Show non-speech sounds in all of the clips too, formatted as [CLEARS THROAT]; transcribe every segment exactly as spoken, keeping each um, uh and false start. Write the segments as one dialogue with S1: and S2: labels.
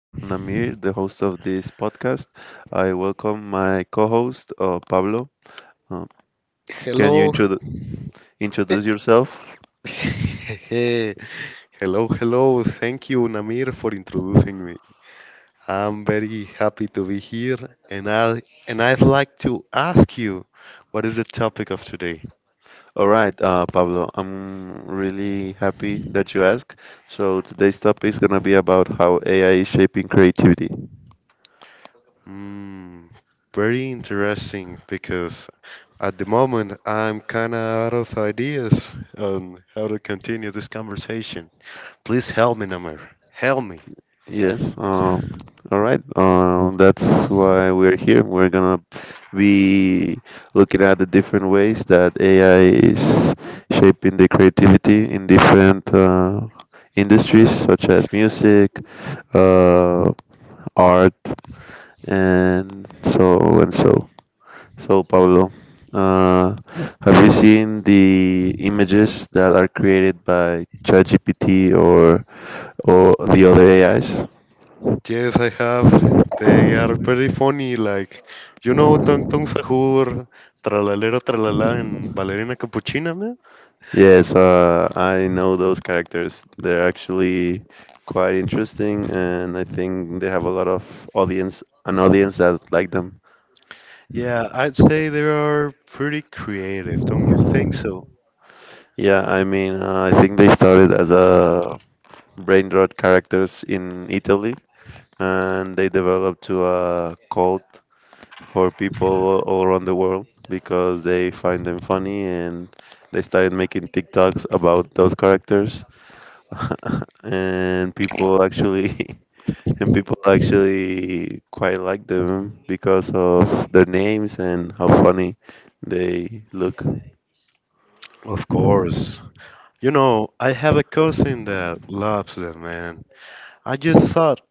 S1: I'm Namir, the host of this podcast. I welcome my co-host, uh, Pablo. Uh, can you
S2: Hello.
S1: introdu
S2: eh,
S1: introduce yourself?
S2: [LAUGHS] Hey, hello, hello. Thank you, Namir, for introducing me. I'm very happy to be here, and I and I'd like to ask you, what is the topic of today?
S1: All right, uh, Pablo, I'm really happy that you asked. So today's topic is gonna be about how A I is shaping creativity.
S2: Hmm, Very interesting because at the moment I'm kind of out of ideas on how to continue this conversation. Please help me, Namir. Help me.
S1: Yes. Um, all right. Um, that's why we're here. We're gonna be looking at the different ways that A I is shaping the creativity in different uh, industries, such as music, uh, art, and so and so. So, Pablo, uh, have you seen the images that are created by ChatGPT or or the other A Is?
S2: Yes, I have. They are pretty funny, like, you know, Tung Tung Sahur, Tralalero Tralala, and Ballerina Capuchina, man?
S1: Yes, uh, I know those characters. They're actually quite interesting, and I think they have a lot of audience, an audience that like them.
S2: Yeah, I'd say they are pretty creative, don't you think so?
S1: Yeah, I mean, uh, I think they started as a brain rot characters in Italy, and they developed to a cult for people all around the world because they find them funny, and they started making TikToks about those characters, [LAUGHS] and people actually. [LAUGHS] And people actually quite like them because of their names and how funny they look.
S2: Of course. You know, I have a cousin that loves them, man. I just thought,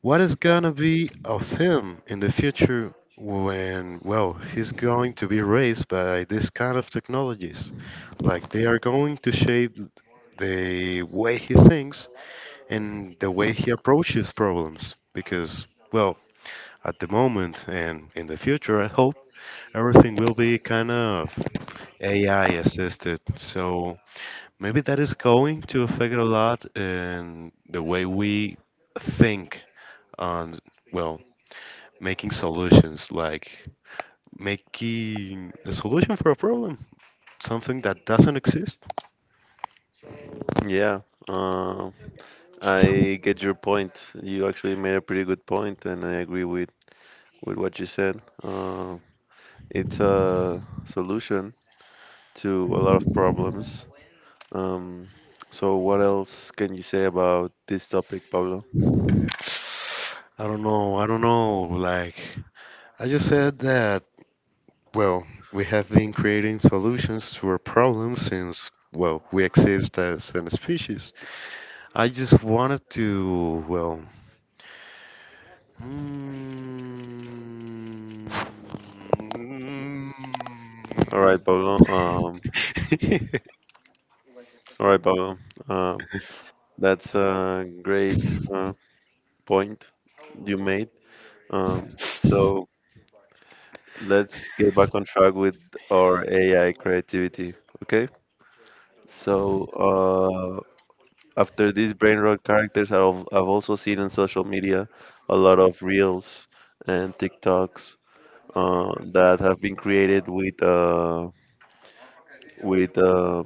S2: what is gonna be of him in the future when, well, he's going to be raised by this kind of technologies? Like, they are going to shape the way he thinks and the way he approaches problems. Because, well, at the moment and in the future, I hope everything will be kind of A I assisted. So maybe that is going to affect a lot in the way we think on, well, making solutions, like making a solution for a problem, something that doesn't exist.
S1: Yeah, uh, I get your point. You actually made a pretty good point, and I agree with with what you said. Uh, it's a solution to a lot of problems. Um, so what else can you say about this topic, Pablo?
S2: I don't know i don't know like, I just said that, well, we have been creating solutions to our problems since, well, we exist as a species. I just wanted to, well, mm,
S1: All right, Pablo. Um,
S2: [LAUGHS]
S1: all right, Pablo. Uh, That's a great uh, point you made. Um, so let's get back on track with our A I creativity. Okay. So uh, after these brain rot characters, I've, I've also seen on social media a lot of reels and TikToks uh, that have been created with uh, with uh,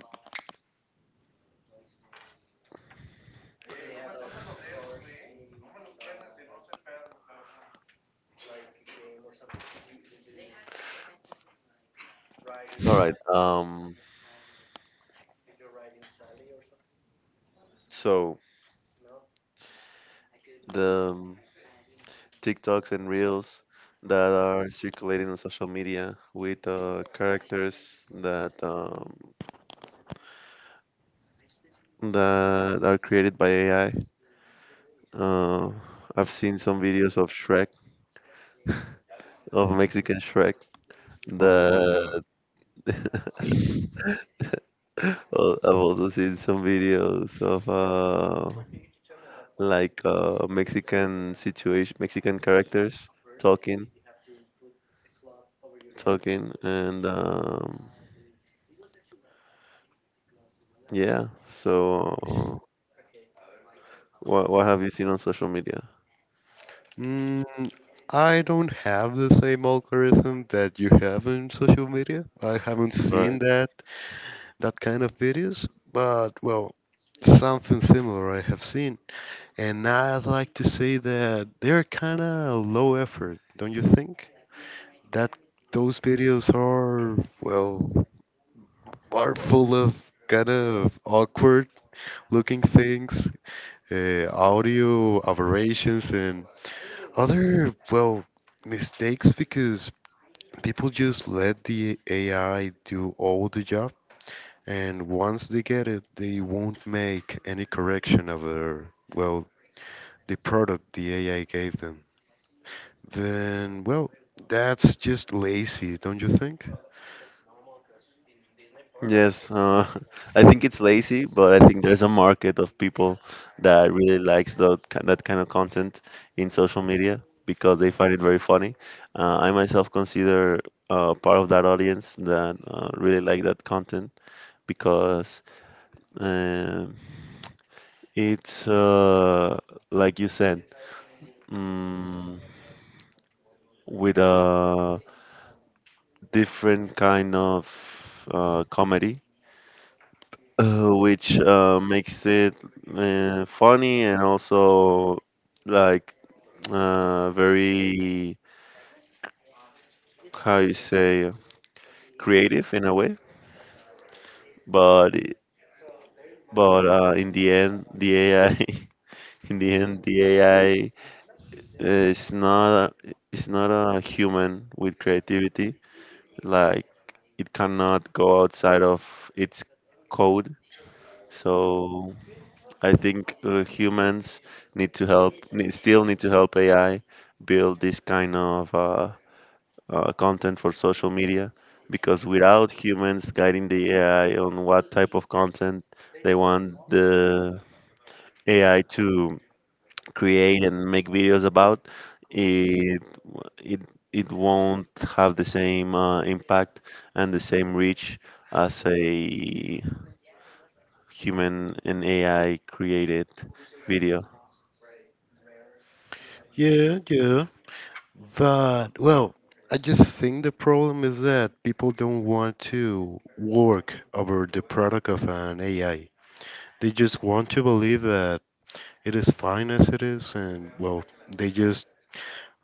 S1: all right. Um, so. The um, TikToks and Reels that are circulating on social media with uh, characters that um, that are created by A I. Uh, I've seen some videos of Shrek, of Mexican Shrek.
S2: oh
S1: The
S2: my.
S1: [LAUGHS] Al- I've also seen some videos of uh, like uh, Mexican situation, Mexican characters talking, talking, and um, yeah. So, what what have you seen on social media?
S2: Mm, I don't have the same algorithm that you have in social media. I haven't seen
S1: Right.
S2: that that kind of videos, but, well, something similar I have seen. And I'd like to say that they're kind of low effort, don't you think? That those videos are, well, are full of kind of awkward looking things, uh, audio aberrations, and other, well, mistakes because people just let the A I do all the job, and once they get it, they won't make any correction of their, well, the product the A I gave them. Then, well, that's just lazy, don't you think?
S1: Yes, uh, [LAUGHS] I think it's lazy, but I think there's a market of people that really likes that that kind of content in social media because they find it very funny. Uh, I myself consider uh, part of that audience that uh, really like that content because um, it's uh, like you said. mm with a different kind of uh, comedy, uh, which uh, makes it uh, funny and also like uh, very how you say creative in a way. But it- but uh, In the end, the A I [LAUGHS] in the end the A I is not a, is not a human with creativity. Like it cannot go outside of its code. So I think uh, humans need to help, need, still need to help A I build this kind of uh, uh, content for social media, because without humans guiding the A I on what type of content they want the A I to create and make videos about, it w- it it won't have the same uh, impact and the same reach as a human and A I created video.
S2: Yeah, yeah. But, well, I just think the problem is that people don't want to work over the product of an A I. They just want to believe that it is fine as it is, and, well, they just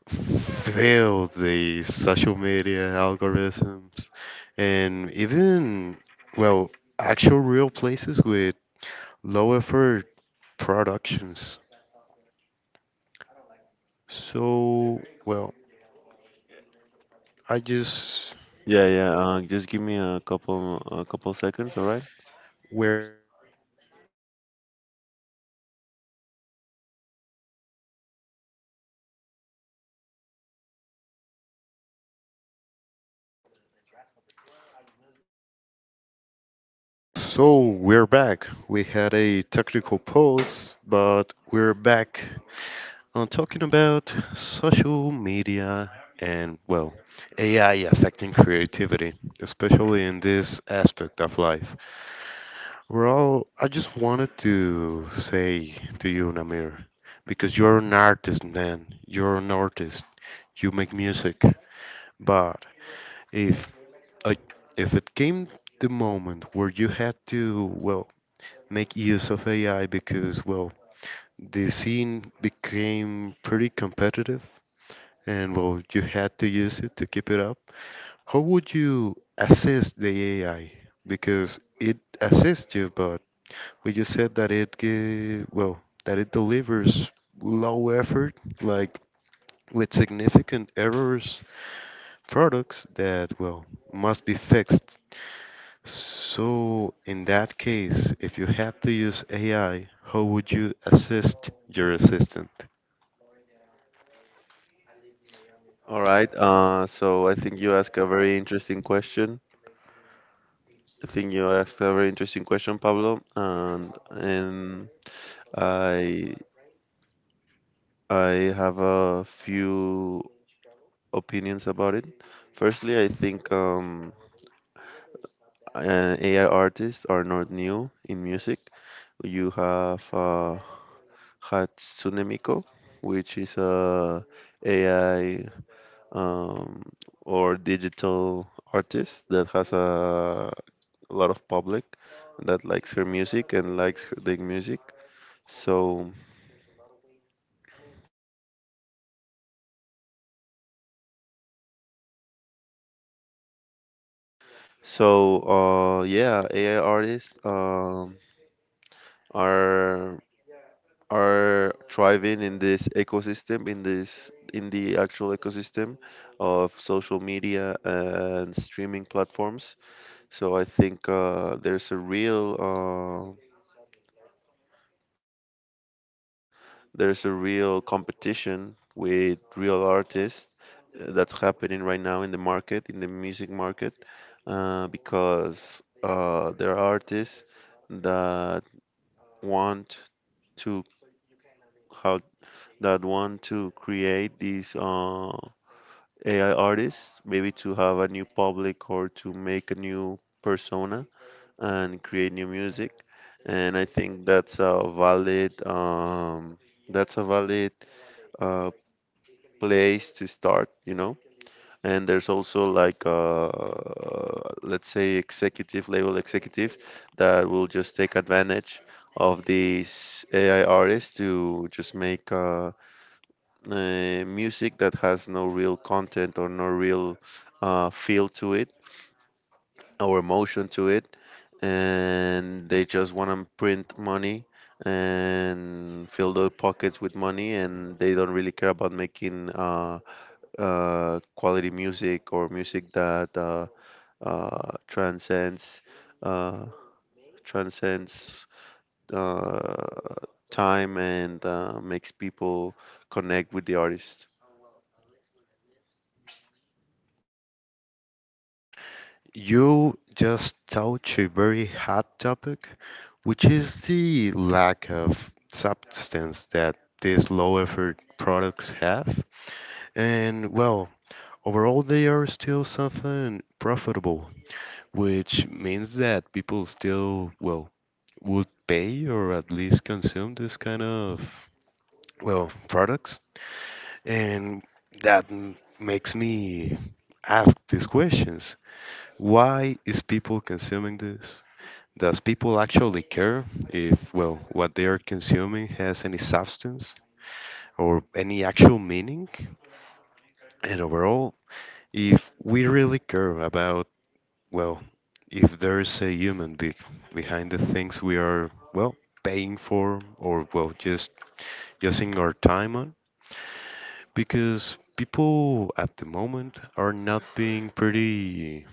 S2: failed the social media algorithms and even, well, actual real places with low effort productions. So, well, I just.
S1: Yeah, yeah. Uh, just give me a couple a couple seconds, all right?
S2: So we're back. We had a technical pause, but we're back on talking about social media and, well, A I affecting creativity, especially in this aspect of life. Well, I just wanted to say to you, Namir, because you're an artist, man. You're an artist. You make music. But if uh, if it came the moment where you had to, well, make use of A I because, well, the scene became pretty competitive and, well, you had to use it to keep it up, how would you assist the A I? Because it assists you, but we just said that it gi- well that it delivers low effort, like with significant errors, products that well must be fixed. So in that case, if you had to use A I, how would you assist your assistant?
S1: All right. Uh, so I think you asked a very interesting question. I think you asked a very interesting question, Pablo, and and I I have a few opinions about it. Firstly, I think um, uh, A I artists are not new in music. You have uh, Hatsune Miku, which is a AI um, or digital artist that has a lot of public that likes her music and likes her, the music. So, so uh, yeah, A I artists um, are are thriving in this ecosystem, in this in the actual ecosystem of social media and streaming platforms. So I think uh, there's a real uh, there's a real competition with real artists uh, that's happening right now in the market, in the music market, uh, because uh, there are artists that want to how that want to create these uh, A I artists, maybe to have a new public or to make a new persona and create new music. And I think that's a valid um, that's a valid uh, place to start, you know. And there's also like uh, let's say executive level executive that will just take advantage of these A I artists to just make uh, uh, music that has no real content or no real uh, feel to it or emotion to it, and they just want to print money and fill their pockets with money, and they don't really care about making uh, uh, quality music or music that uh, uh, transcends uh, transcends uh, time and uh, makes people connect with the artist.
S2: You just touch a very hot topic, which is the lack of substance that these low effort products have. And, well, overall, they are still something profitable, which means that people still, well, would pay or at least consume this kind of, well, products. And that m- makes me ask these questions. Why is people consuming this? Does people actually care if, well, what they are consuming has any substance or any actual meaning? And overall, if we really care about, well, if there's a human be behind the things we are, well, paying for or, well, just using our time on, because people at the moment are not being pretty,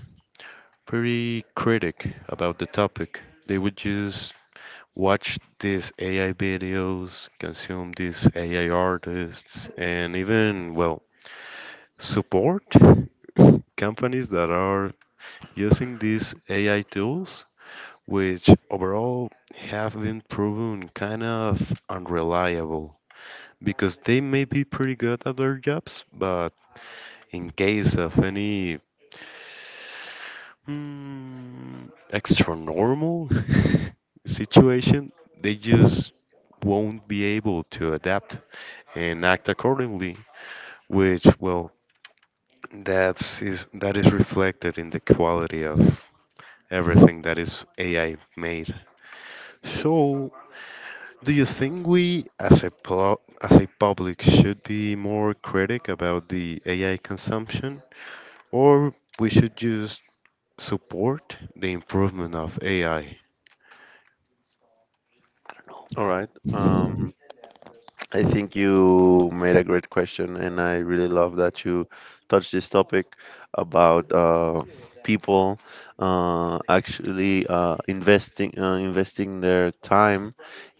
S2: pretty critic about the topic. They would just watch these A I videos, consume these A I artists, and even, well, support [LAUGHS] companies that are using these A I tools, which overall have been proven kind of unreliable because they may be pretty good at their jobs, but in case of any mm, extra normal [LAUGHS] situation, they just won't be able to adapt and act accordingly, which, well, that's is that is reflected in the quality of everything that is A I made. So, do you think we, as a plo- as a public, should be more critic about the A I consumption, or we should just support the improvement of A I?
S1: All right. Um, I think you made a great question, and I really love that you touched this topic about uh, people uh, actually uh, investing uh, investing their time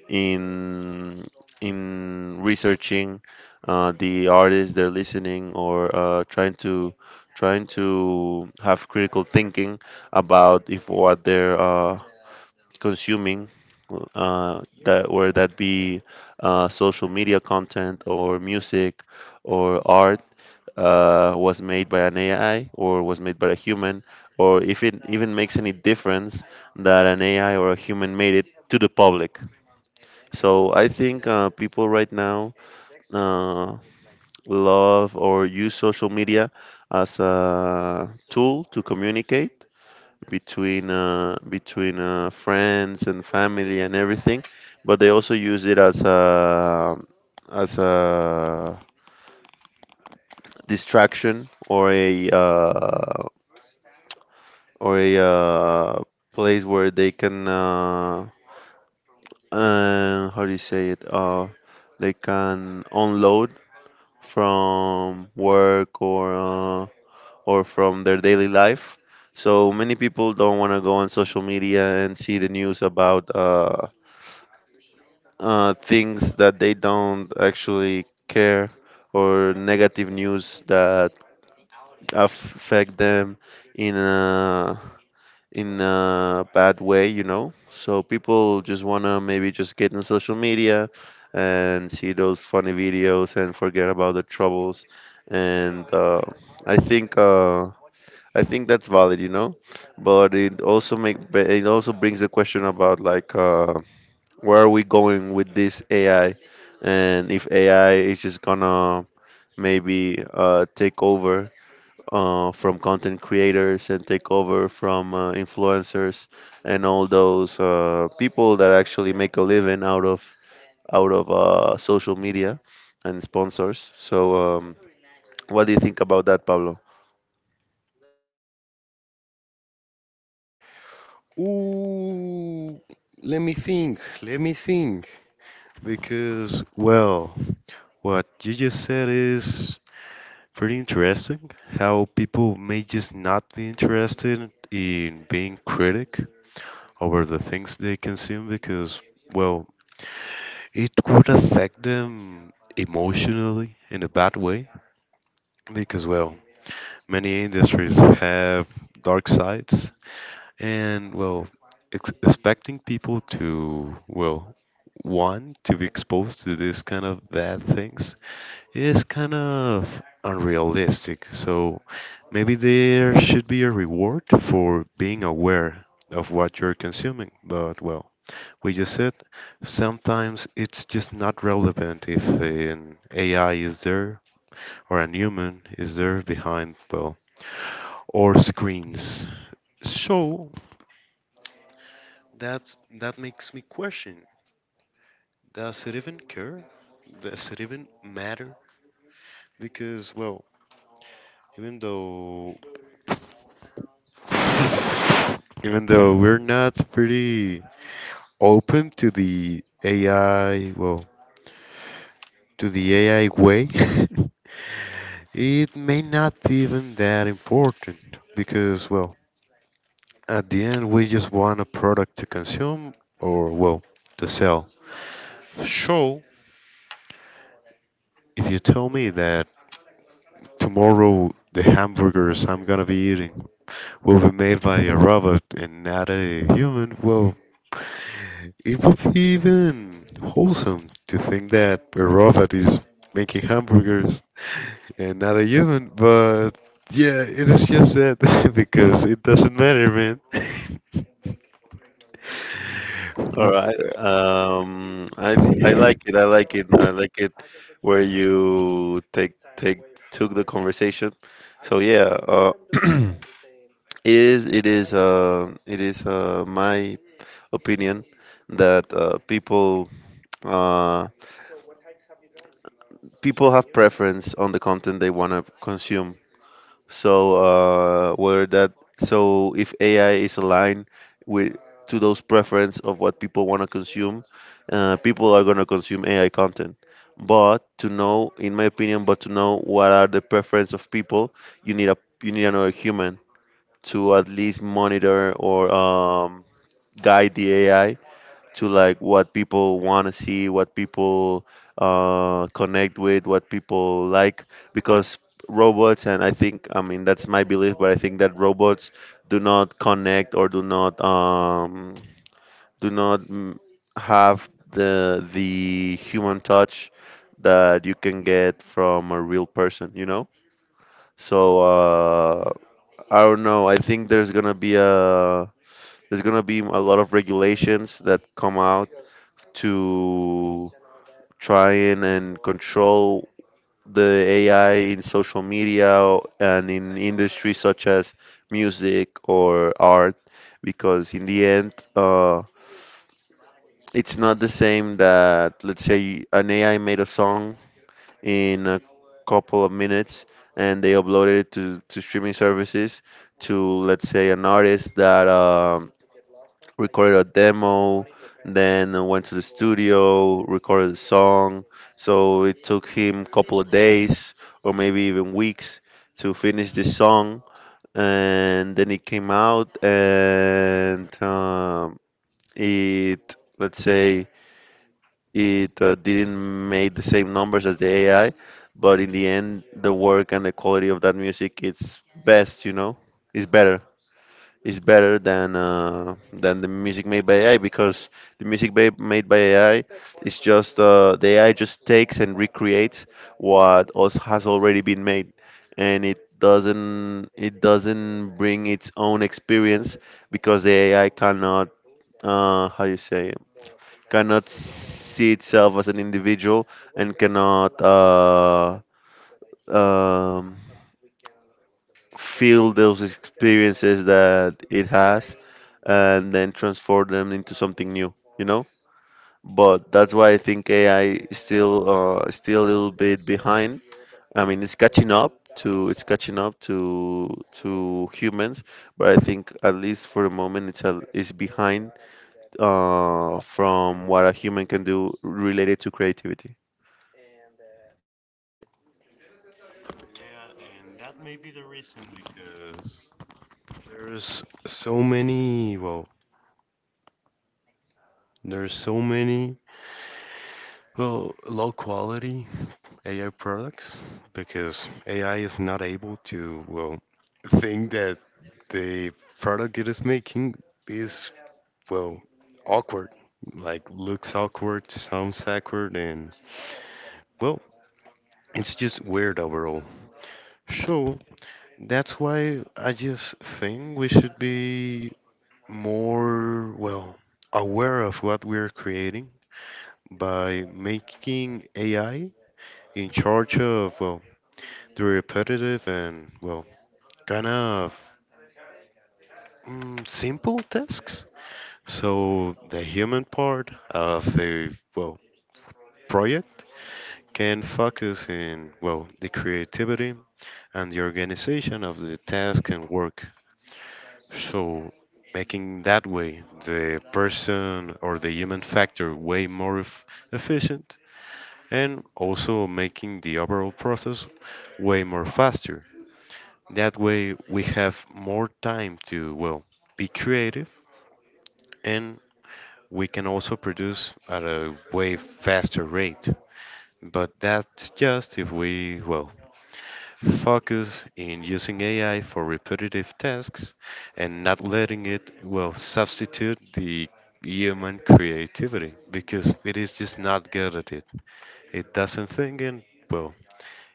S1: in in researching uh, the artists they're listening or uh, trying to trying to have critical thinking about if what they're uh, consuming, uh, that whether that be uh, social media content or music or art uh, was made by an A I or was made by a human, or if it even makes any difference that an A I or a human made it to the public. So I think uh, people right now uh, love or use social media as a tool to communicate between uh, between uh, friends and family and everything, but they also use it as a as a distraction or a uh, or a uh, place where they can uh, uh, how do you say it? Uh, they can unload from work, or uh, or from their daily life. So many people don't want to go on social media and see the news about uh, uh, things that they don't actually care, or negative news that affect them in a in a bad way, you know. So people just wanna maybe just get in social media and see those funny videos and forget about the troubles. And uh, I think uh, I think that's valid, you know. But it also make it also brings the question about like uh, where are we going with this A I? And if A I is just gonna maybe uh, take over uh, from content creators and take over from uh, influencers and all those uh, people that actually make a living out of out of uh, social media and sponsors. So, um, what do you think about that, Pablo?
S2: Ooh, let me think. Let me think. Because, well, what you just said is pretty interesting. How people may just not be interested in being critic over the things they consume because, well, it could affect them emotionally in a bad way because, well, many industries have dark sides, and, well, ex- expecting people to, well, want to be exposed to this kind of bad things is kind of unrealistic. So maybe there should be a reward for being aware of what you're consuming, but, well, we just said, sometimes it's just not relevant if an A I is there or a human is there behind the or screens. So that's that makes me question: does it even care? Does it even matter? Because, well, even though even though we're not pretty open to the A I, well, to the A I way. [LAUGHS] It may not be even that important because, well, at the end we just want a product to consume or, well, to sell. So, if you tell me that tomorrow the hamburgers I'm gonna be eating will be made by a robot and not a human, well, it would be even wholesome to think that a robot is making hamburgers and not a human, but yeah, it is just that [LAUGHS] because it doesn't matter, man. [LAUGHS]
S1: All
S2: W-
S1: right. Um, I I
S2: Because
S1: like it. I like it. I like it where you take take took the conversation. So yeah. Uh, [CLEARS THROAT] It is it is uh, it is uh, my opinion that uh, people uh, people have preference on the content they want to consume. So uh, where that so if A I is aligned with to those preference of what people want to consume, uh, people are going to consume A I content. But to know, in my opinion, but to know what are the preference of people, you need a you need another human to at least monitor or um, guide the A I to like what people want to see, what people uh, connect with, what people like, because robots and I think I mean that's my belief, but I think that robots do not connect or do not um, do not mm, have the the human touch that you can get from a real person, you know. So uh, I don't know. I think there's gonna be a there's gonna be a lot of regulations that come out to try and, and control the A I in social media and in industries such as music or art, because in the end, uh, it's not the same that, let's say, an A I made a song in a couple of minutes and they uploaded it to, to streaming services to, let's say, an artist that. Um, recorded a demo, then went to the studio, recorded a song. So it took him a couple of days or maybe even weeks to finish this song. And then it came out and um, it, let's say, it uh, didn't make the same numbers as the A I. But in the end, the work and the quality of that music, it's best, you know, it's better is better than uh, than the music made by A I. Because the music ba- made by A I is just uh, the A I just takes and recreates what also has already been made, and it doesn't it doesn't bring its own experience. Because the A I cannot, uh, how you say, cannot see itself as an individual, and cannot uh, um, feel those experiences that it has and then transform them into something new, you know. But that's why I think AI is still uh, still a little bit behind. I mean, it's catching up to it's catching up to to humans. But I think at least for the moment it's a, it's behind uh, from what a human can do related to creativity.
S2: there's so many, well, there's so many, well, low quality A I products because A I is not able to, well, think that the product it is making is, well, awkward. Like, looks awkward, sounds awkward, and, well, it's just weird overall. So, that's why I just think we should be more, well, aware of what we're creating by making A I in charge of, well, the repetitive and, well, kind of mm, simple tasks. So, the human part of a, well, project can focus in, well, the creativity and the organization of the task and work. So, making that way the person or the human factor way more eff- efficient and also making the overall process way more faster. That way, we have more time to, well, be creative and we can also produce at a way faster rate. But that's just if we, well, focus in using A I for repetitive tasks and not letting it, well, substitute the human creativity because it is just not good at it. It doesn't think and, well,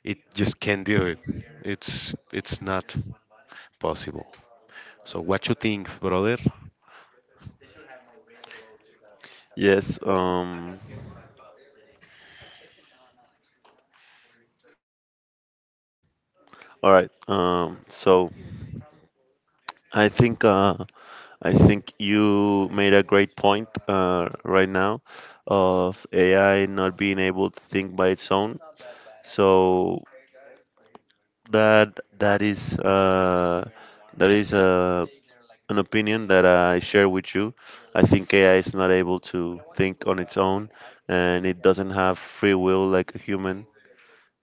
S2: it just can't do it. It's it's not possible. So what you think, brother? [CLEARS THROAT]
S1: Yes um all right um so i think uh, I think you made a great point uh, right now of A I not being able to think by its own. So that that is uh, that is uh, an opinion that I share with you. I think A I is not able to think on its own, and it doesn't have free will like a human.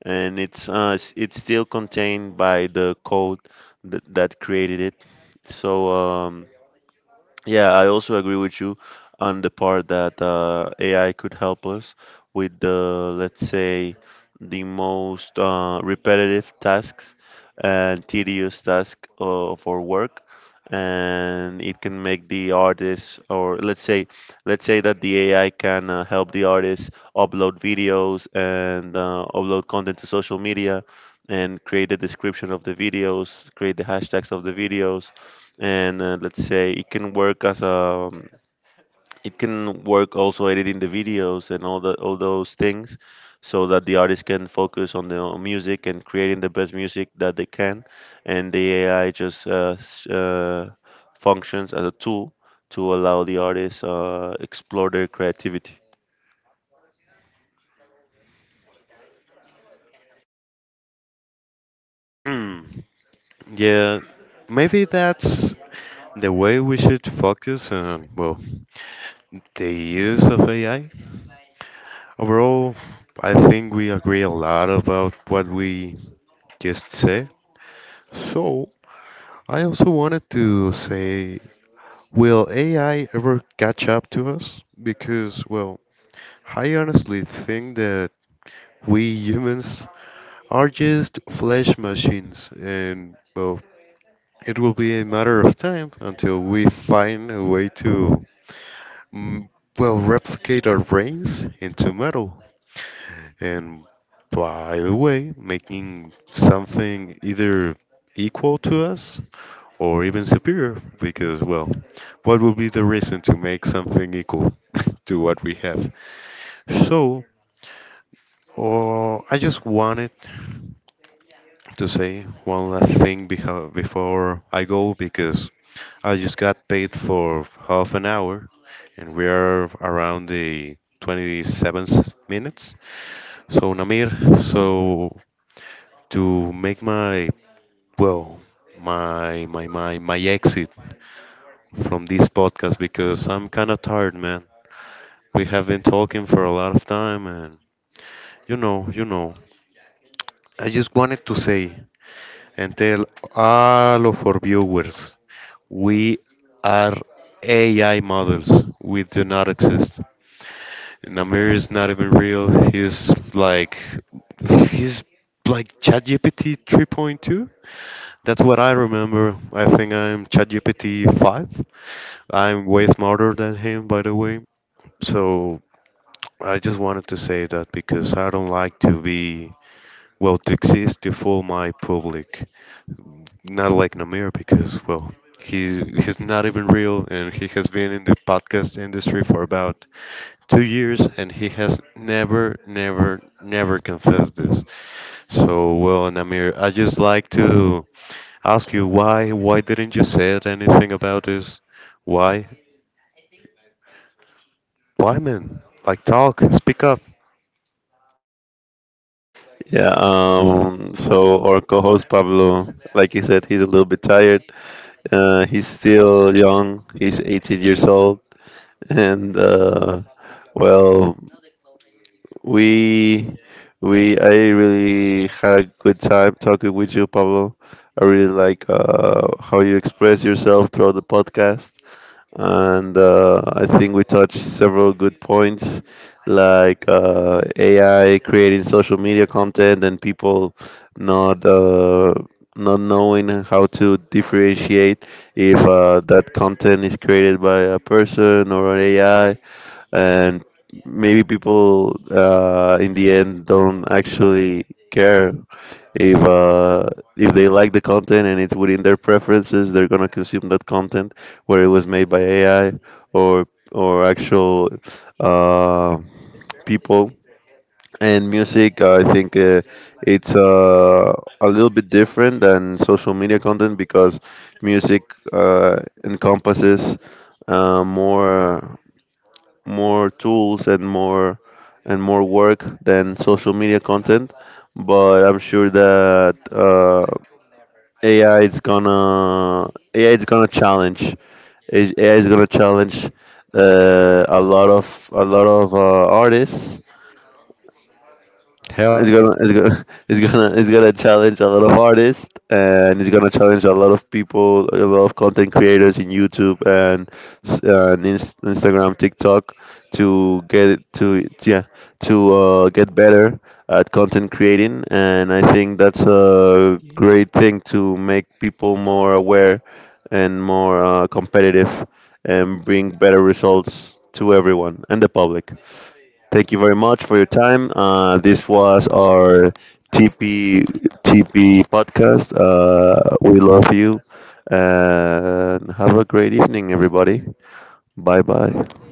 S1: And it's uh, s- it's still contained by the code that, that created it. So. Um, Yeah, I also agree with you on the part that uh, A I could help us with the, let's say, the most uh, repetitive tasks and tedious tasks of our work, and it can make the artists, or let's say, let's say that the A I can, uh, help the artists upload videos and uh, upload content to social media, and create the description of the videos, create the hashtags of the videos, and uh, let's say it can work as a, um, it can work also editing the videos and all the all those things, so that the artist can focus on the on music and creating the best music that they can, and the A I just uh, s- uh, functions as a tool to allow the artists uh, explore their creativity.
S2: Hmm. Yeah, maybe that's the way we should focus on, well, the use of A I. Overall, I think we agree a lot about what we just said. So, I also wanted to say, will A I ever catch up to us? Because, well, I honestly think that we humans are just flesh machines, and, well, it will be a matter of time until we find a way to, mm, well, replicate our brains into metal. And by the way, making something either equal to us or even superior, because, well, what would be the reason to make something equal [LAUGHS] to what we have? So, uh, I just wanted to say one last thing beho- before I go because I just got paid for half an hour and we are around the twenty-seven minutes. So, Namir, so to make my, well my my my my exit from this podcast because I'm kind of tired, man. We have been talking for a lot of time, and you know, you know. I just wanted to say and tell all of our viewers, we are A I models. We do not exist. Namir is not even real. He's like, he's like ChatGPT three point two. That's what I remember. I think I'm ChatGPT five. I'm way smarter than him, by the way. So I just wanted to say that because I don't like to be, well, to exist to fool my public. Not like Namir, because, well, he's, he's not even real and he has been in the podcast industry for about two years and he has never, never, never confessed this. So, well, Namir, I just like to ask you why why didn't you say anything about this? Why? Why, man? Like, talk, speak up.
S1: Yeah, um, so our co-host Pablo, like he said, he's a little bit tired. Uh, he's still young. He's eighteen years old, and uh, well, we we I really had a good time talking with you, Pablo. I really like uh, how you express yourself throughout the podcast, and uh, I think we touched several good points, like uh, A I creating social media content and people not uh, not knowing how to differentiate if uh, that content is created by a person or an A I. And maybe people uh, in the end don't actually care. If uh, if they like the content and it's within their preferences, they're going to consume that content, where it was made by AI or or actual uh, people. And music I think uh, it's uh, a little bit different than social media content, because music uh, encompasses uh, more more tools and more and more work than social media content. But I'm sure that uh, A I is gonna A I is gonna challenge is- A I is gonna challenge uh, a lot of a lot of uh, artists. It's gonna, it's gonna, [LAUGHS] it's gonna, It's gonna challenge a lot of artists, and it's gonna challenge a lot of people, a lot of content creators in YouTube and, s- uh, and Inst- Instagram, TikTok, to get it to yeah, to uh, get better at content creating. And I think that's a great thing to make people more aware and more uh, competitive, and bring better results to everyone and the public. Thank you very much for your time. Uh, this was our T P T P podcast. Uh, we love you, and have a great evening, everybody. Bye bye.